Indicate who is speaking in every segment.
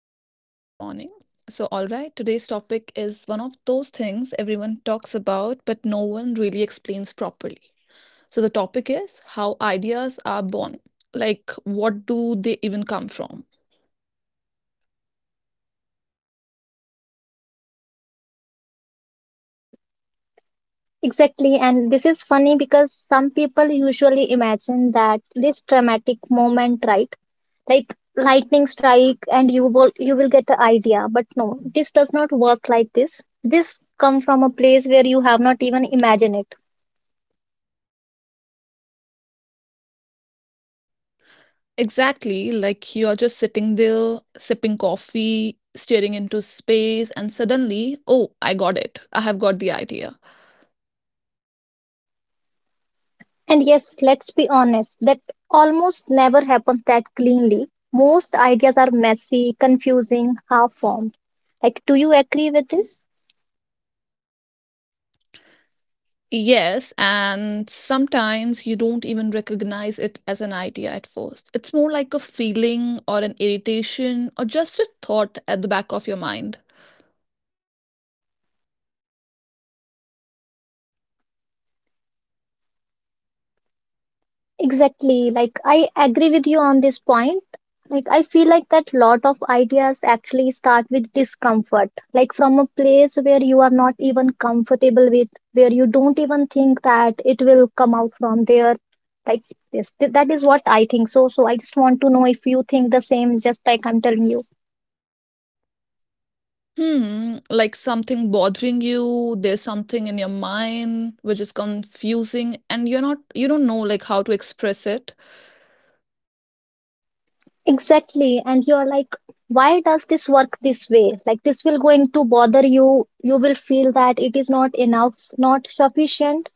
Speaker 1: Hello, guys. Good morning. Today's topic is one of those things everyone talks about, but no one really explains properly. So the topic is how ideas are born. Like, what do they even come from?
Speaker 2: Exactly, and this is funny because some people usually imagine that this dramatic moment, right? Like lightning strike and you will get the idea. But no, this does not work like this. This come from a place where you have not even imagined it.
Speaker 1: Exactly, like you're just sitting there sipping coffee, staring into space, and suddenly, oh, I got it. I have got the idea.
Speaker 2: And yes, let's be honest, that almost never happens that cleanly. Most ideas are messy, confusing, half formed. Like, do you agree with this?
Speaker 1: Yes, and sometimes you don't even recognize it as an idea at first. It's more like a feeling or an irritation or just a thought at the back of your mind.
Speaker 2: Exactly. Like, I agree with you on this point. Like, I feel like that lot of ideas actually start with discomfort, like from a place where you are not even comfortable with, where you don't even think that it will come out from there. Like, that is what I think. So I just want to know if you think the same, just like I'm telling you.
Speaker 1: Hmm, like something bothering you, there's something in your mind which is confusing and you don't know like how to express it.
Speaker 2: Exactly. And you're like, why does this work this way? Like, this will going to bother you. You will feel that it is not enough, not sufficient,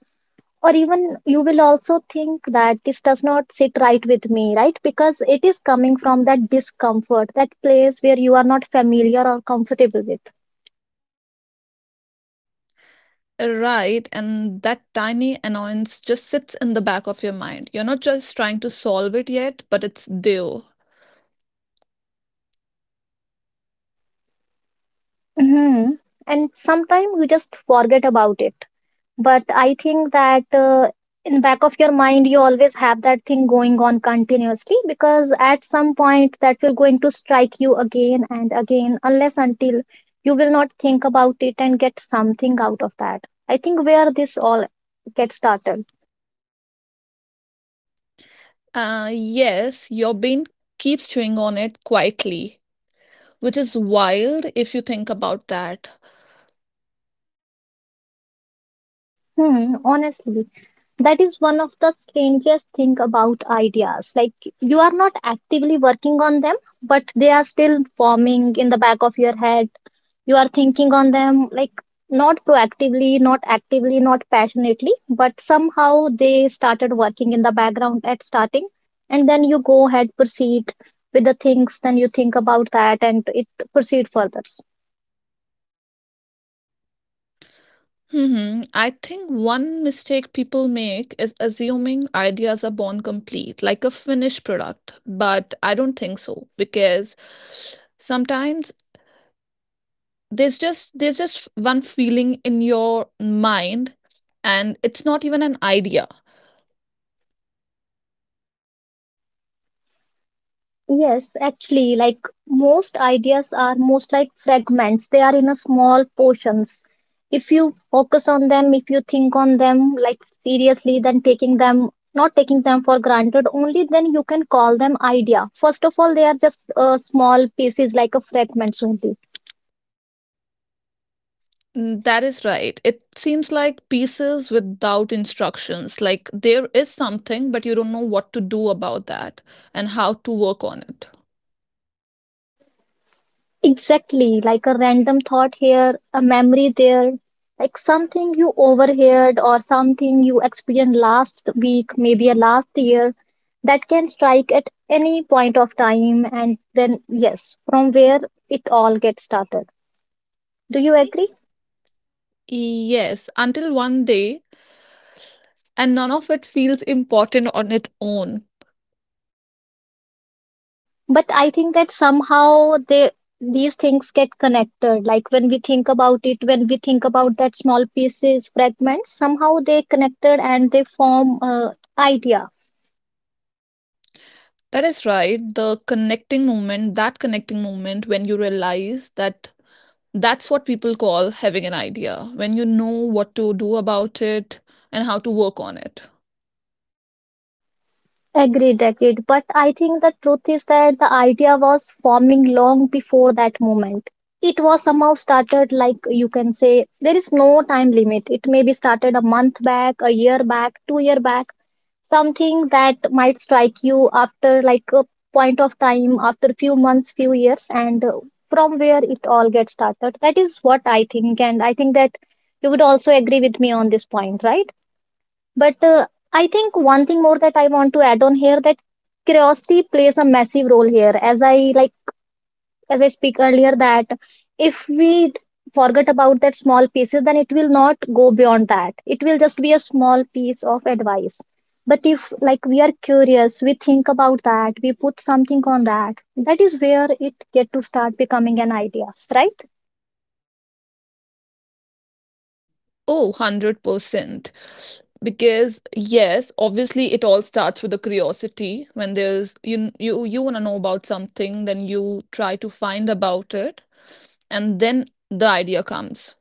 Speaker 2: or even you will also think that this does not sit right with me, right? Because it is coming from that discomfort, that place where you are not familiar or comfortable with.
Speaker 1: Right, and that tiny annoyance just sits in the back of your mind. You're not just trying to solve it yet, but it's there.
Speaker 2: Hmm, and sometimes you just forget about it, but I think that in back of your mind you always have that thing going on continuously, because at some point that will going to strike you again and again unless until you will not think about it and get something out of that. I think where this all gets started.
Speaker 1: Yes, your brain keeps chewing on it quietly, which is wild if you think about that.
Speaker 2: Hmm, honestly, that is one of the strangest thing about ideas. Like you are not actively working on them, but they are still forming in the back of your head. You are thinking on them, like not proactively, not actively, not passionately, but somehow they started working in the background at starting, and then you go ahead proceed with the things. Then you think about that, and it proceed further.
Speaker 1: I think one mistake people make is assuming ideas are born complete, like a finished product. But I don't think so, because sometimes there's just one feeling in your mind, and it's not even an idea.
Speaker 2: Yes, actually, like most ideas are most like fragments. They are in a small portions. If you focus on them, if you think on them like seriously, then taking them, not taking them for granted, only then you can call them idea. First of all, they are just small pieces like a fragments only.
Speaker 1: That is right. It seems like pieces without instructions. Like there is something, but you don't know what to do about that and how to work on it.
Speaker 2: Exactly, like a random thought here, a memory there, like something you overheard or something you experienced last week, maybe a last year, that can strike at any point of time. And then, yes, from where it all gets started.
Speaker 1: You
Speaker 2: Do you
Speaker 1: agree?
Speaker 2: agree?
Speaker 1: Yes, until one day, and none of it feels important on its own.
Speaker 2: But I think that somehow they these things get connected. Like when we think about it, when we think about that small pieces, fragments, somehow they connected and they form a idea.
Speaker 1: That is right. That connecting moment when you realize that that's what people call having an idea, when you know what to do about it and how to work on it.
Speaker 2: Agreed, agreed. But I think the truth is that the idea was forming long before that moment. It was somehow started, like you can say, there is no time limit. It may be started a month back, a year back, 2 year back, something that might strike you after like a point of time, after few months, few years, and from where it all gets started. That is what I think, and I think that you would also agree with me on this point, right? But I think one thing more that I want to add on here, that curiosity plays a massive role here. As I like, as I speak earlier, that if we forget about that small pieces, then it will not go beyond that. It will just be a small piece of advice. But if like we are curious, we think about that, we put something on that. That is where it get to start becoming an idea, right?
Speaker 1: Oh, 100%. Because yes, obviously it all starts with the curiosity. When there's you want to know about something, then you try to find about it, and then the idea comes.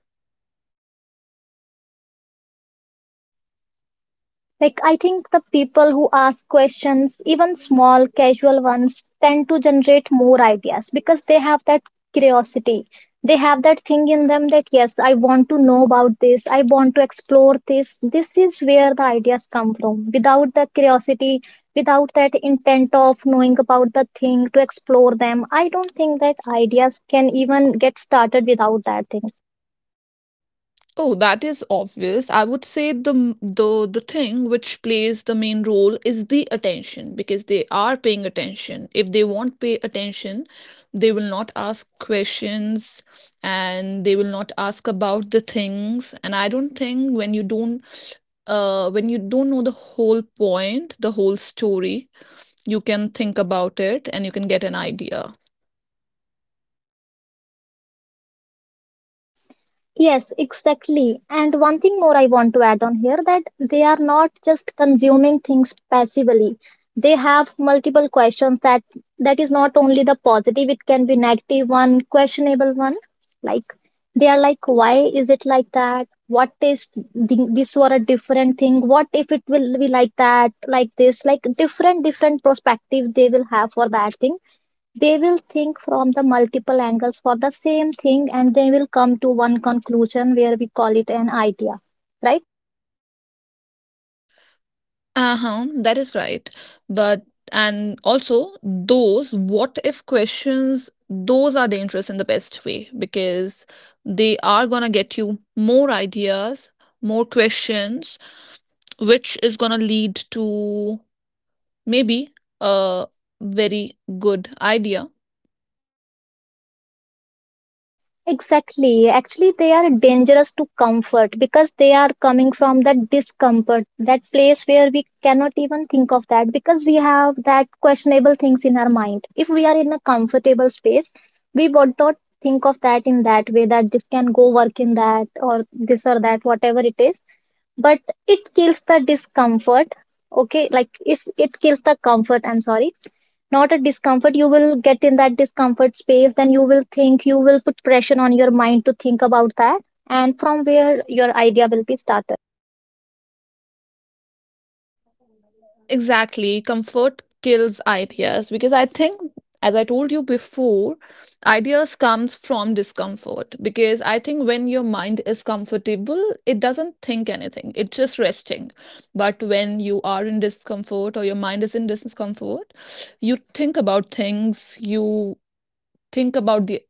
Speaker 2: Like, I think the people who ask questions, even small, casual ones, tend to generate more ideas because they have that curiosity. They have that thing in them that, yes, I want to know about this. I want to explore this. This is where the ideas come from. Without the curiosity, without that intent of knowing about the thing to explore them, I don't think that ideas can even get started without that thing.
Speaker 1: Oh, that is obvious. I would say the thing which plays the main role is the attention, because they are paying attention. If they won't pay attention, they will not ask questions and they will not ask about the things. And I don't think when you don't know the whole point, the whole story, you can think about it and you can get an idea.
Speaker 2: Yes, exactly. And one thing more I want to add on here, that they are not just consuming things passively. They have multiple questions, that that is not only the positive, it can be negative one, questionable one. Like they are like, why is it like that? What if th- this were a different thing? What if it will be like that, like this? Like different, different perspective they will have for that thing. They will think from the multiple angles for the same thing, and they will come to one conclusion where we call it an idea, right?
Speaker 1: Uh-huh, that is right. But and also those what if questions, those are dangerous in the best way because they are gonna get you more ideas, more questions, which is gonna lead to maybe a very good idea.
Speaker 2: Exactly. Actually, they are dangerous to comfort because they are coming from that discomfort, that place where we cannot even think of that, because we have that questionable things in our mind. If we are in a comfortable space, we would not think of that in that way, that this can go work in that or this or that, whatever it is. But it kills the discomfort. Okay, like it kills the comfort, I'm sorry, not a discomfort. You will get in that discomfort space, then you will think, you will put pressure on your mind to think about that, and from where your idea will be started.
Speaker 1: Exactly. Comfort kills ideas, because I think, as I told you before, ideas comes from discomfort because I think when your mind is comfortable, it doesn't think anything. It's just resting. But when you are in discomfort or your mind is in discomfort, you think about things, you think about the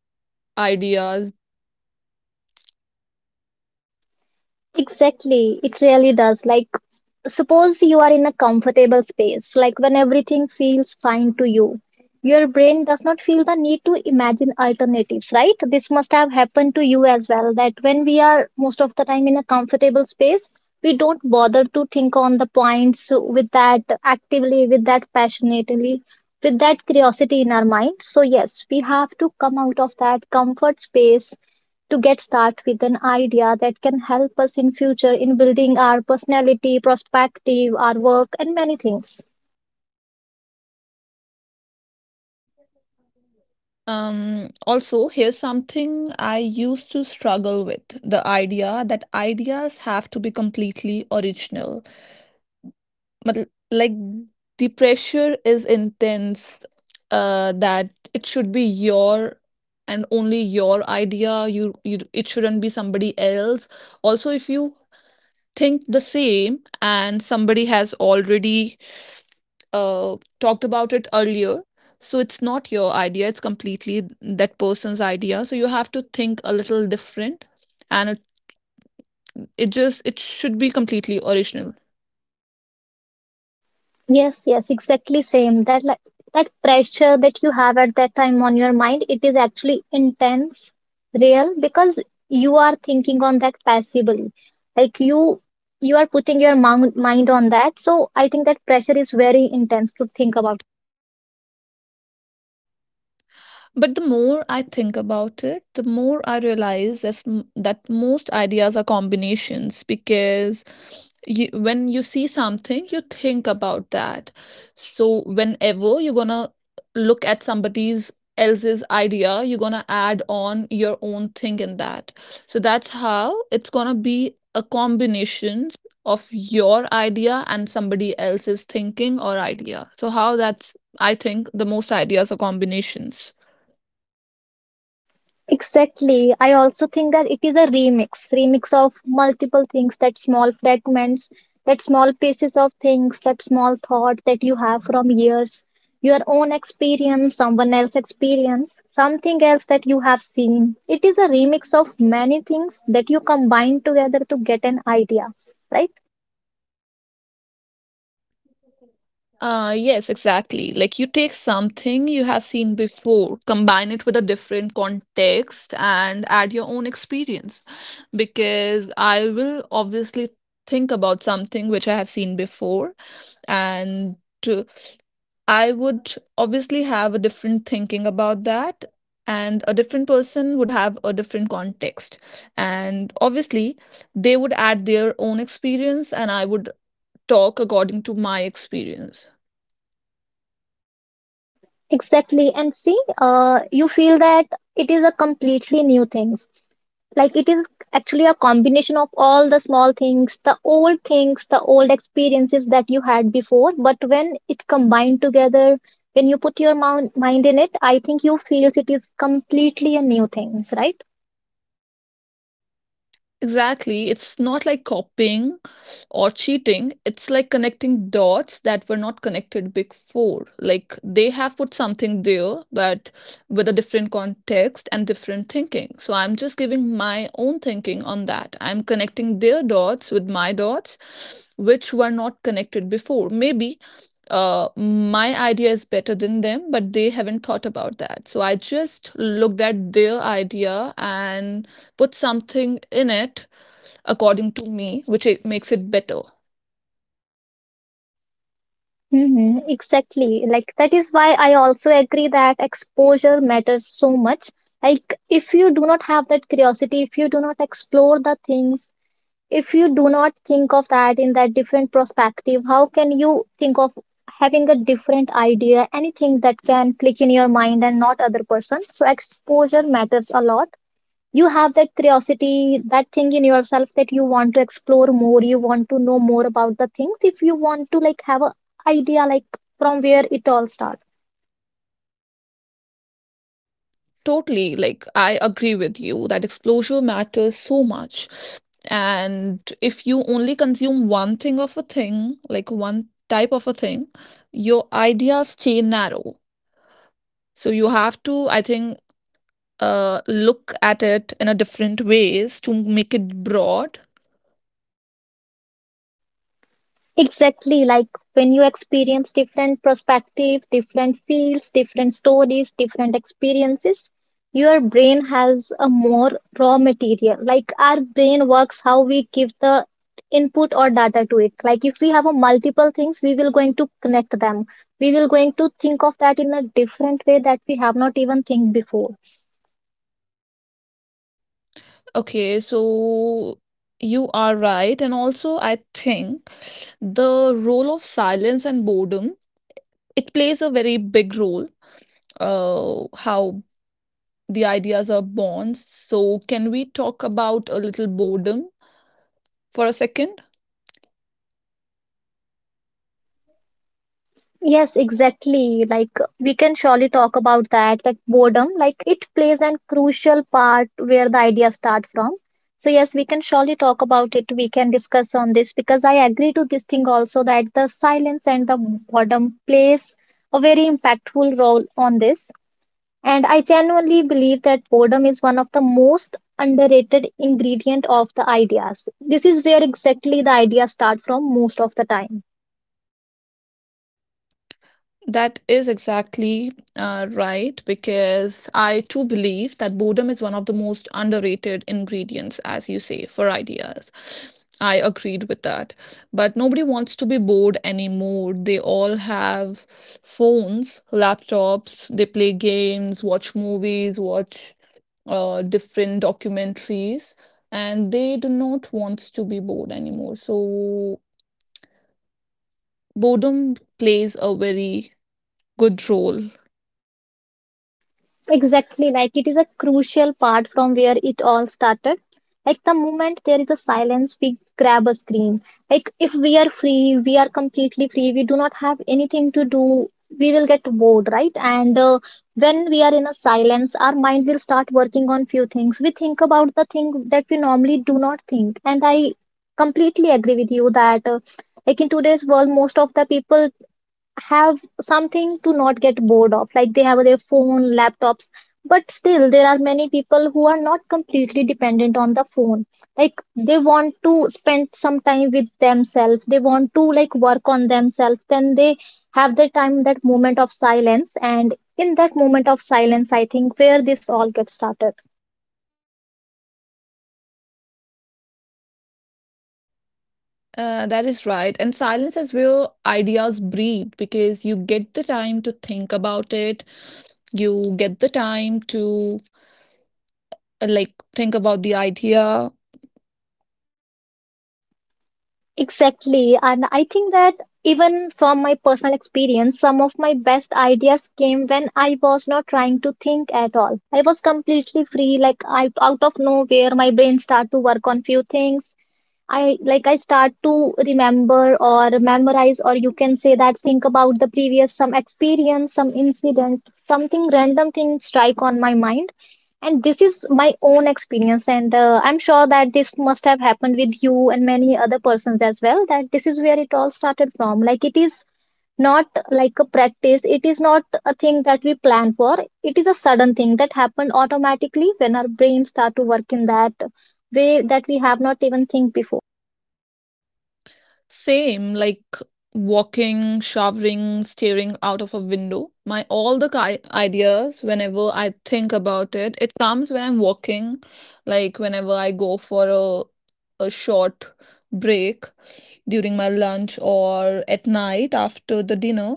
Speaker 1: ideas.
Speaker 2: Exactly, it really does. Like, suppose you are in a comfortable space, like when everything feels fine to you, your brain does not feel the need to imagine alternatives, right? This must have happened to you as well, that when we are most of the time in a comfortable space, we don't bother to think on the points with that actively, with that passionately, with that curiosity in our mind. So, yes, we have to come out of that comfort space to get started with an idea that can help us in future in building our personality, perspective, our work, and many things.
Speaker 1: Also, here's something I used to struggle with, the idea that ideas have to be completely original, but like the pressure is intense, that it should be your and only your idea. You it shouldn't be somebody else. Also, if you think the same and somebody has already talked about it earlier, so it's not your idea, it's completely that person's idea, so you have to think a little different, and it just it should be completely original.
Speaker 2: Yes, yes, exactly same. That like that pressure that you have at that time on your mind, it is actually intense, real, because you are thinking on that passively. Like you are putting your mind on that. So I think that pressure is very intense to think about.
Speaker 1: But the more I think about it, the more I realize that most ideas are combinations, because you, when you see something, you think about that. So whenever you're gonna look at somebody's else's idea, you're gonna add on your own thing in that. So that's how it's gonna be a combination of your idea and somebody else's thinking or idea. So how that's I think the most ideas are combinations.
Speaker 2: Exactly. I also think that it is a remix, remix of multiple things, that small fragments, that small pieces of things, that small thought that you have from years, your own experience, someone else's experience, something else that you have seen. It is a remix of many things that you combine together to get an idea, right?
Speaker 1: Yes, exactly. Like you take something you have seen before, combine it with a different context, and add your own experience. Because I will obviously think about something which I have seen before, and uh, I would obviously have a different thinking about that. And a different person would have a different context. And obviously, they would add their own experience, and I would talk according to my experience.
Speaker 2: Exactly. And see, you feel that it is a completely new thing. Like it is actually a combination of all the small things, the old things, the old experiences that you had before, but when it combined together, when you put your mind in it, I think you feels it is completely a new thing, right?
Speaker 1: Exactly. It's not like copying or cheating. It's like connecting dots that were not connected before. Like they have put something there, but with a different context and different thinking. So I'm just giving my own thinking on that. I'm connecting their dots with my dots, which were not connected before. Maybe my idea is better than them, but they haven't thought about that. So I just looked at their idea and put something in it according to me, which it makes it better.
Speaker 2: Hmm, exactly. Like that is why I also agree that exposure matters so much. Like if you do not have that curiosity, if you do not explore the things, if you do not think of that in that different perspective, how can you think of having a different idea, anything that can click in your mind and not other person? So exposure matters a lot. You have that curiosity, that thing in yourself, that you want to explore more, you want to know more about the things, if you want to like have a idea, like from where it all starts.
Speaker 1: Totally, like I agree with you that exposure matters so much. And if you only consume one thing of a thing, like one type of a thing, your ideas stay narrow. So you have to, I think, look at it in a different ways to make it broad.
Speaker 2: Exactly, like when you experience different perspective, different fields, different stories, different experiences, your brain has a more raw material. Like our brain works how we give the input or data to it. Like if we have a multiple things, we will going to connect them. We will going to think of that in a different way that we have not even think before.
Speaker 1: Okay, so you are right. And also I think the role of silence and boredom, it plays a very big role how the ideas are born. So, can we talk about a little boredom for a second?
Speaker 2: Yes, exactly. Like we can surely talk about that, that boredom, like it plays an crucial part where the ideas start from. So yes, we can surely talk about it. We can discuss on this because I agree to this thing also, that the silence and the boredom plays a very impactful role on this. And I genuinely believe that boredom is one of the most underrated ingredient of the ideas. This is where exactly the ideas start from most of the time.
Speaker 1: That is exactly right, because I too believe that boredom is one of the most underrated ingredients, as you say, for ideas. I agreed with that. But nobody wants to be bored anymore. They all have phones, laptops, they play games, watch movies, watch different documentaries, and they do not want to be bored anymore. So, boredom plays a very good role.
Speaker 2: Exactly, like it is a crucial part from where it all started. Like the moment there is a silence, we grab a screen. Like if we are free, we are completely free, we do not have anything to do, we will get bored, right? And when we are in a silence, our mind will start working on few things. We think about the thing that we normally do not think. And I completely agree with you that, like in today's world, most of the people have something to not get bored of, like they have their phone laptops. But still there are many people who are not completely dependent on the phone. Like they want to spend some time with themselves, they want to like work on themselves, then they have the time, that moment of silence, and in that moment of silence, I think where this all gets started.
Speaker 1: That is right. And silence is where ideas breathe, because you get the time to think about it. You get the time to like think about the idea.
Speaker 2: Exactly. And I think that even from my personal experience, some of my best ideas came when I was not trying to think at all. I was completely free, like I, out of nowhere, my brain started to work on few things. I start to remember or memorize, or you can say that think about the previous some experience, some incident, something random thing strike on my mind. And this is my own experience, and I'm sure that this must have happened with you and many other persons as well. That this is where it all started from. Like it is not like a practice, it is not a thing that we plan for. It is a sudden thing that happened automatically when our brains start to work in that way that we have not even think before.
Speaker 1: Same, like walking, showering, staring out of a window. My ideas, whenever I think about it, it comes when I'm walking, like whenever I go for a short break during my lunch or at night after the dinner.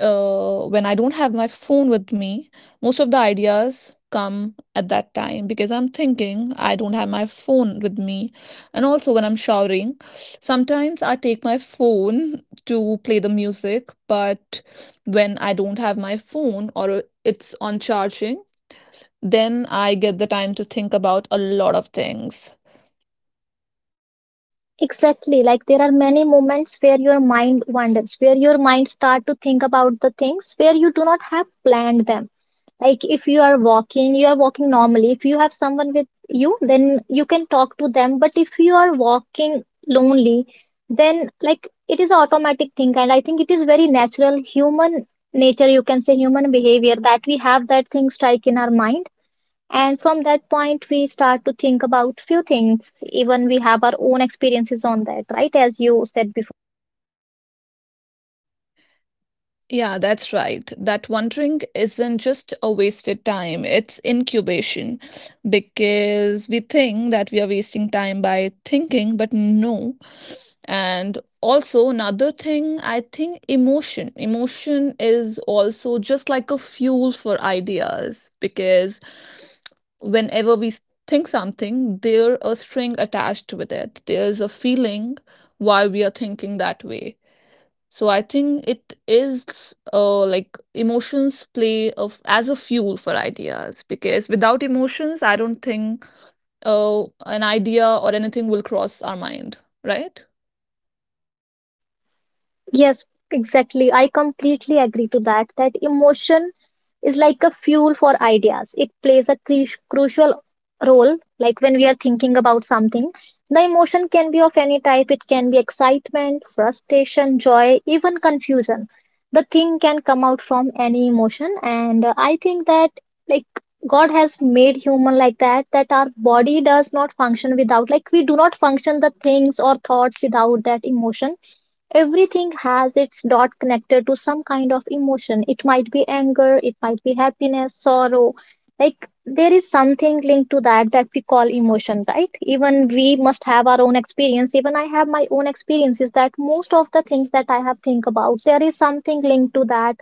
Speaker 1: When I don't have my phone with me, most of the ideas come at that time because I'm thinking I don't have my phone with me. And also, when I'm showering, sometimes I take my phone to play the music, but when I don't have my phone or it's on charging, then I get the time to think about a lot of things.
Speaker 2: Exactly. Like there are many moments where your mind wanders, where your mind start to think about the things where you do not have planned them. Like if you are walking, you are walking normally. If you have someone with you, then you can talk to them. But if you are walking lonely, then like it is an automatic thing. And I think it is very natural human nature, you can say human behavior, that we have that thing strike in our mind, and from that point, we start to think about few things. Even we have our own experiences on that, right? As you said before.
Speaker 1: Yeah, that's right. That wondering isn't just a wasted time, it's incubation, because we think that we are wasting time by thinking, but no. And also, another thing, I think emotion. Emotion is also just like a fuel for ideas because whenever think something, there a string attached with it. There's a feeling why we are thinking that way. So I think it is, like emotions play of as a fuel for ideas because without emotions, I don't think an idea or anything will cross our mind, right?
Speaker 2: Yes, exactly. I completely agree to that. That emotion is like a fuel for ideas. It plays a crucial role. Like when we are thinking about something, the emotion can be of any type. It can be excitement, frustration, joy, even confusion. The thing can come out from any emotion. And I think that like God has made human like that, that our body does not function without, like we do not function the things or thoughts without that emotion. Everything has its dot connected to some kind of emotion. It might be anger, it might be happiness, sorrow. Like there is something linked to that that we call emotion, right? Even we must have our own experience. Even I have my own experiences that most of the things that I have think about, there is something linked to that,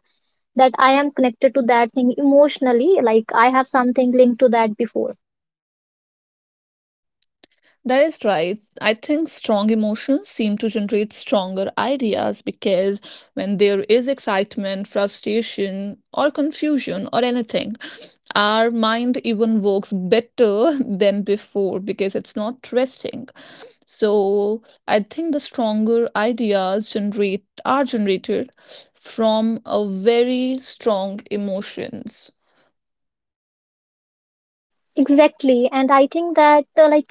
Speaker 2: that I am connected to that thing emotionally. Like I have something linked to that before.
Speaker 1: That is right. I think strong emotions seem to generate stronger ideas because when there is excitement, frustration, or confusion, or anything, our mind even works better than before, because it's not resting. So I think the stronger ideas generate are generated from a very strong emotions.
Speaker 2: Exactly. And I think that like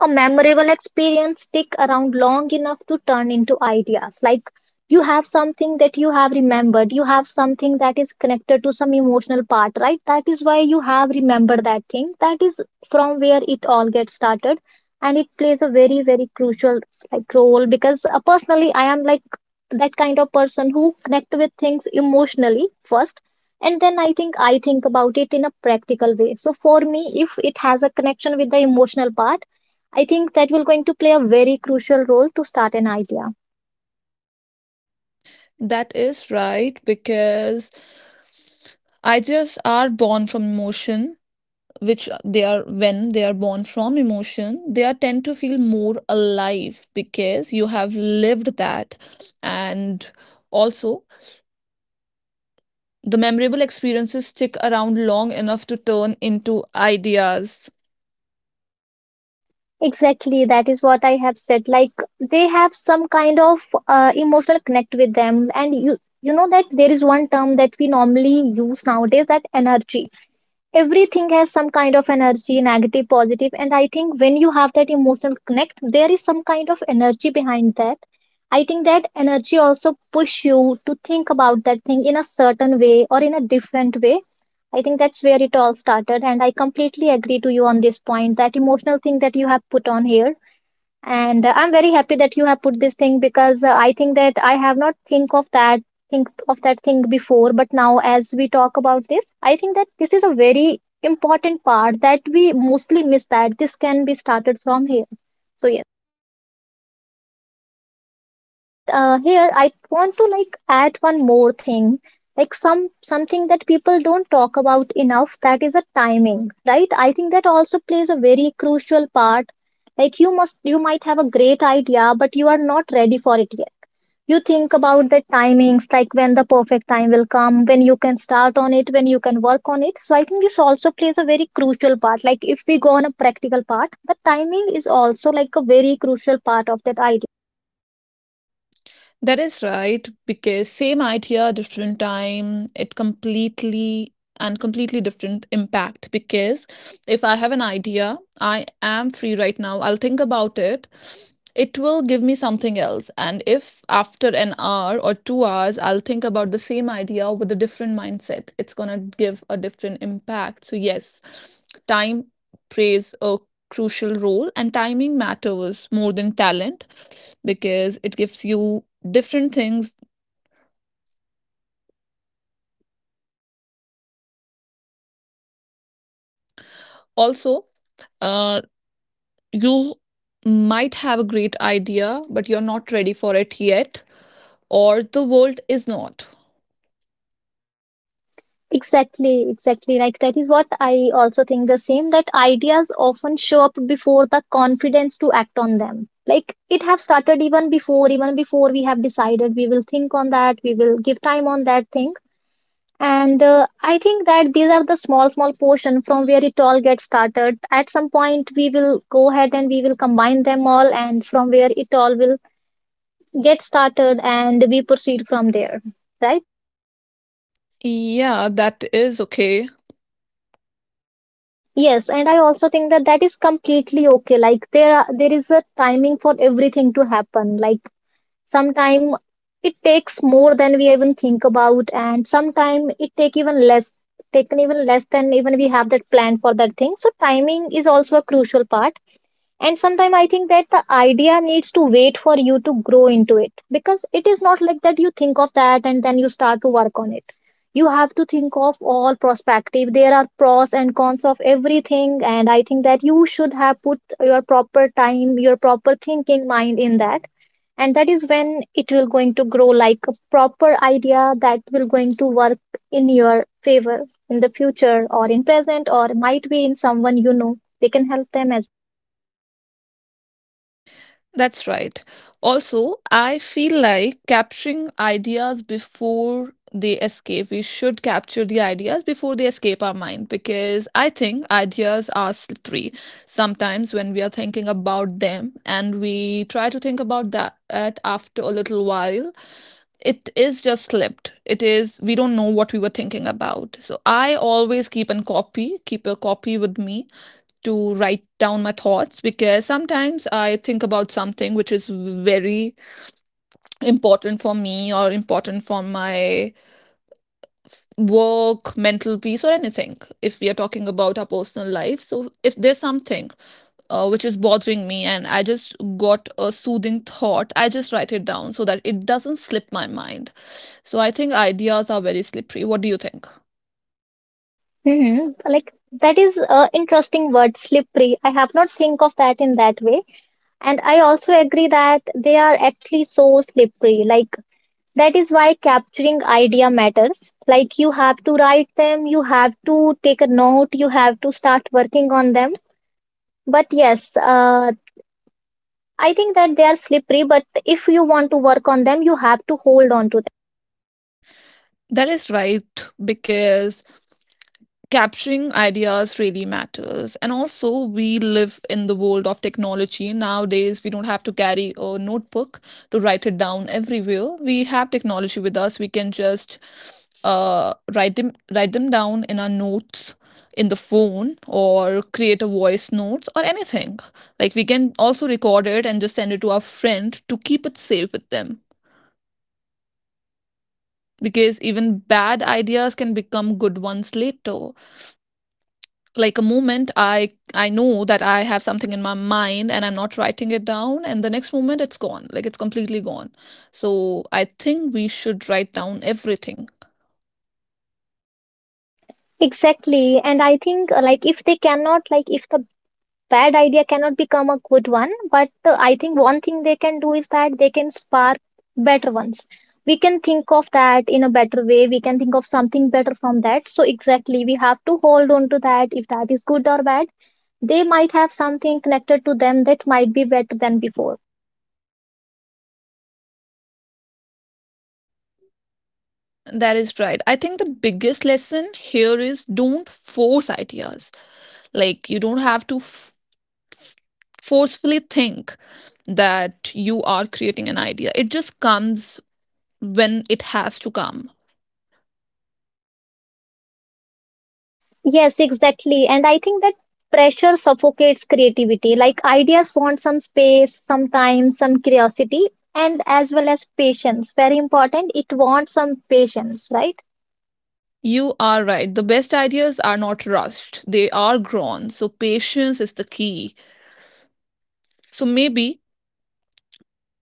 Speaker 2: a memorable experience stick around long enough to turn into ideas. Like you have something that you have remembered, you have something that is connected to some emotional part, right? That is why you have remembered that thing. That is from where it all gets started. And it plays a very, very crucial like role, because personally I am like that kind of person who connect with things emotionally first, and then I think about it in a practical way. So for me, if it has a connection with the emotional part, I think that will going to play a very crucial role to start an idea.
Speaker 1: That is right, because ideas are born from emotion, which they are when they are born from emotion, they are tend to feel more alive because you have lived that. And also, the memorable experiences stick around long enough to turn into ideas.
Speaker 2: Exactly, that is what I have said. Like they have some kind of emotional connect with them, and you know that there is one term that we normally use nowadays, that energy. Everything has some kind of energy, negative, positive, and I think when you have that emotional connect, there is some kind of energy behind that. I think that energy also push you to think about that thing in a certain way or in a different way. I think that's where it all started. And I completely agree to you on this point, that emotional thing that you have put on here. And I'm very happy that you have put this thing, because I think that I have not think of that thing before, but now as we talk about this, I think that this is a very important part that we mostly miss, that this can be started from here. So but here I want to like add one more thing, like something that people don't talk about enough, that is a timing, right? I think that also plays a very crucial part. Like you might have a great idea, but you are not ready for it yet. You think about the timings, like when the perfect time will come, when you can start on it, when you can work on it. So I think this also plays a very crucial part. Like if we go on a practical part, the timing is also like a very crucial part of that idea.
Speaker 1: That is right, because same idea, different time, it completely and completely different impact. Because if I have an idea, I am free right now, I'll think about it, it will give me something else. And if after an hour or 2 hours, I'll think about the same idea with a different mindset, it's gonna give a different impact. So, yes, time plays a crucial role, and timing matters more than talent because it gives you different things. Also, uh, you might have a great idea, but you're not ready for it yet, or the world is not.
Speaker 2: Exactly, exactly. Like that is what I also think the same, that ideas often show up before the confidence to act on them. Like it have started even before we have decided we will think on that, we will give time on that thing. And I think that these are the small, small portion from where it all gets started. At some point, we will go ahead and we will combine them all, and from where it all will get started, and we proceed from there, right?
Speaker 1: Yeah, that is okay.
Speaker 2: Yes, and I also think that that is completely okay. Like there are, there is a timing for everything to happen. Like sometime it takes more than we even think about, and sometime it take even less, taken even less than even we have that plan for that thing. So timing is also a crucial part, and sometimes I think that the idea needs to wait for you to grow into it, because it is not like that you think of that and then you start to work on it. You have to think of all prospective, there are pros and cons of everything, and I think that you should have put your proper time, your proper thinking mind in that, and that is when it will going to grow like a proper idea that will going to work in your favor in the future or in present, or might be in someone, you know, they can help them as.
Speaker 1: That's right. Also, I feel like capturing ideas before they escape. We should capture the ideas before they escape our mind, because I think ideas are slippery. Sometimes when we are thinking about them and we try to think about that at after a little while, it is just slipped. It is, we don't know what we were thinking about. So I always keep a copy with me to write down my thoughts, because sometimes I think about something which is very important for me or important for my work, mental peace, or anything. If we are talking about our personal life, so if there's something which is bothering me and I just got a soothing thought, I just write it down so that it doesn't slip my mind. So I think ideas are very slippery. What do you think?
Speaker 2: Hmm. Like that is a interesting word, slippery. I have not think of that in that way. And I also agree that they are actually so slippery. Like that is why capturing idea matters. Like you have to write them, you have to take a note, you have to start working on them. But yes, I think that they are slippery, but if you want to work on them, you have to hold on to them.
Speaker 1: That is right, because capturing ideas really matters. And also we live in the world of technology nowadays. We don't have to carry a notebook to write it down everywhere. We have technology with us. We can just write them down in our notes in the phone, or create a voice notes or anything. Like, we can also record it and just send it to our friend to keep it safe with them, because even bad ideas can become good ones later. Like, a moment I know that I have something in my mind and I'm not writing it down, and the next moment it's gone. Like, it's completely gone. So I think we should write down everything.
Speaker 2: Exactly. And I think like if they cannot, like if the bad idea cannot become a good one, but I think one thing they can do is that they can spark better ones. We can think of that in a better way, we can think of something better from that. So exactly, we have to hold on to that, if that is good or bad, they might have something connected to them that might be better than before.
Speaker 1: That is right. I think the biggest lesson here is don't force ideas. Like, you don't have to f- forcefully think that you are creating an idea. It just comes when it has to come.
Speaker 2: Yes, exactly. And I think that pressure suffocates creativity. Like ideas want some space, some time, some curiosity, and as well as patience. Very important. It wants some patience, right?
Speaker 1: You are right. The best ideas are not rushed, they are grown. So, patience is the key. So, maybe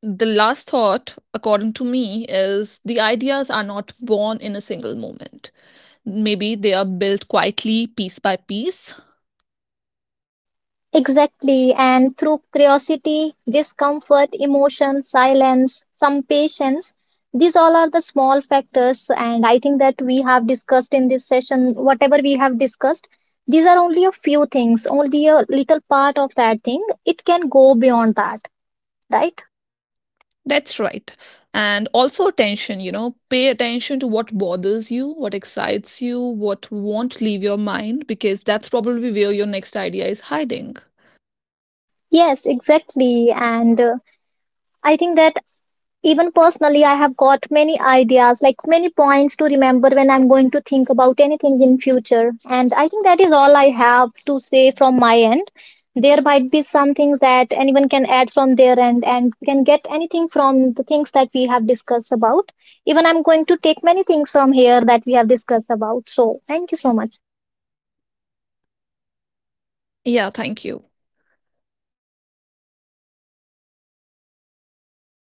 Speaker 1: the last thought, according to me, is the ideas are not born in a single moment. Maybe they are built quietly, piece by piece.
Speaker 2: Exactly. And through curiosity, discomfort, emotion, silence, some patience, these all are the small factors. And I think that we have discussed in this session, whatever we have discussed, these are only a few things, only a little part of that thing. It can go beyond that. Right?
Speaker 1: That's right. And also attention, you know, pay attention to what bothers you, what excites you, what won't leave your mind, because that's probably where your next idea is hiding.
Speaker 2: Yes, exactly. And I think that even personally, I have got many ideas, like many points to remember when I'm going to think about anything in future. And I think that is all I have to say from my end. There might be some things that anyone can add from their end, and we can get anything from the things that we have discussed about. Even I'm going to take many things from here that we have discussed about. So thank you so much.
Speaker 1: Yeah, thank you.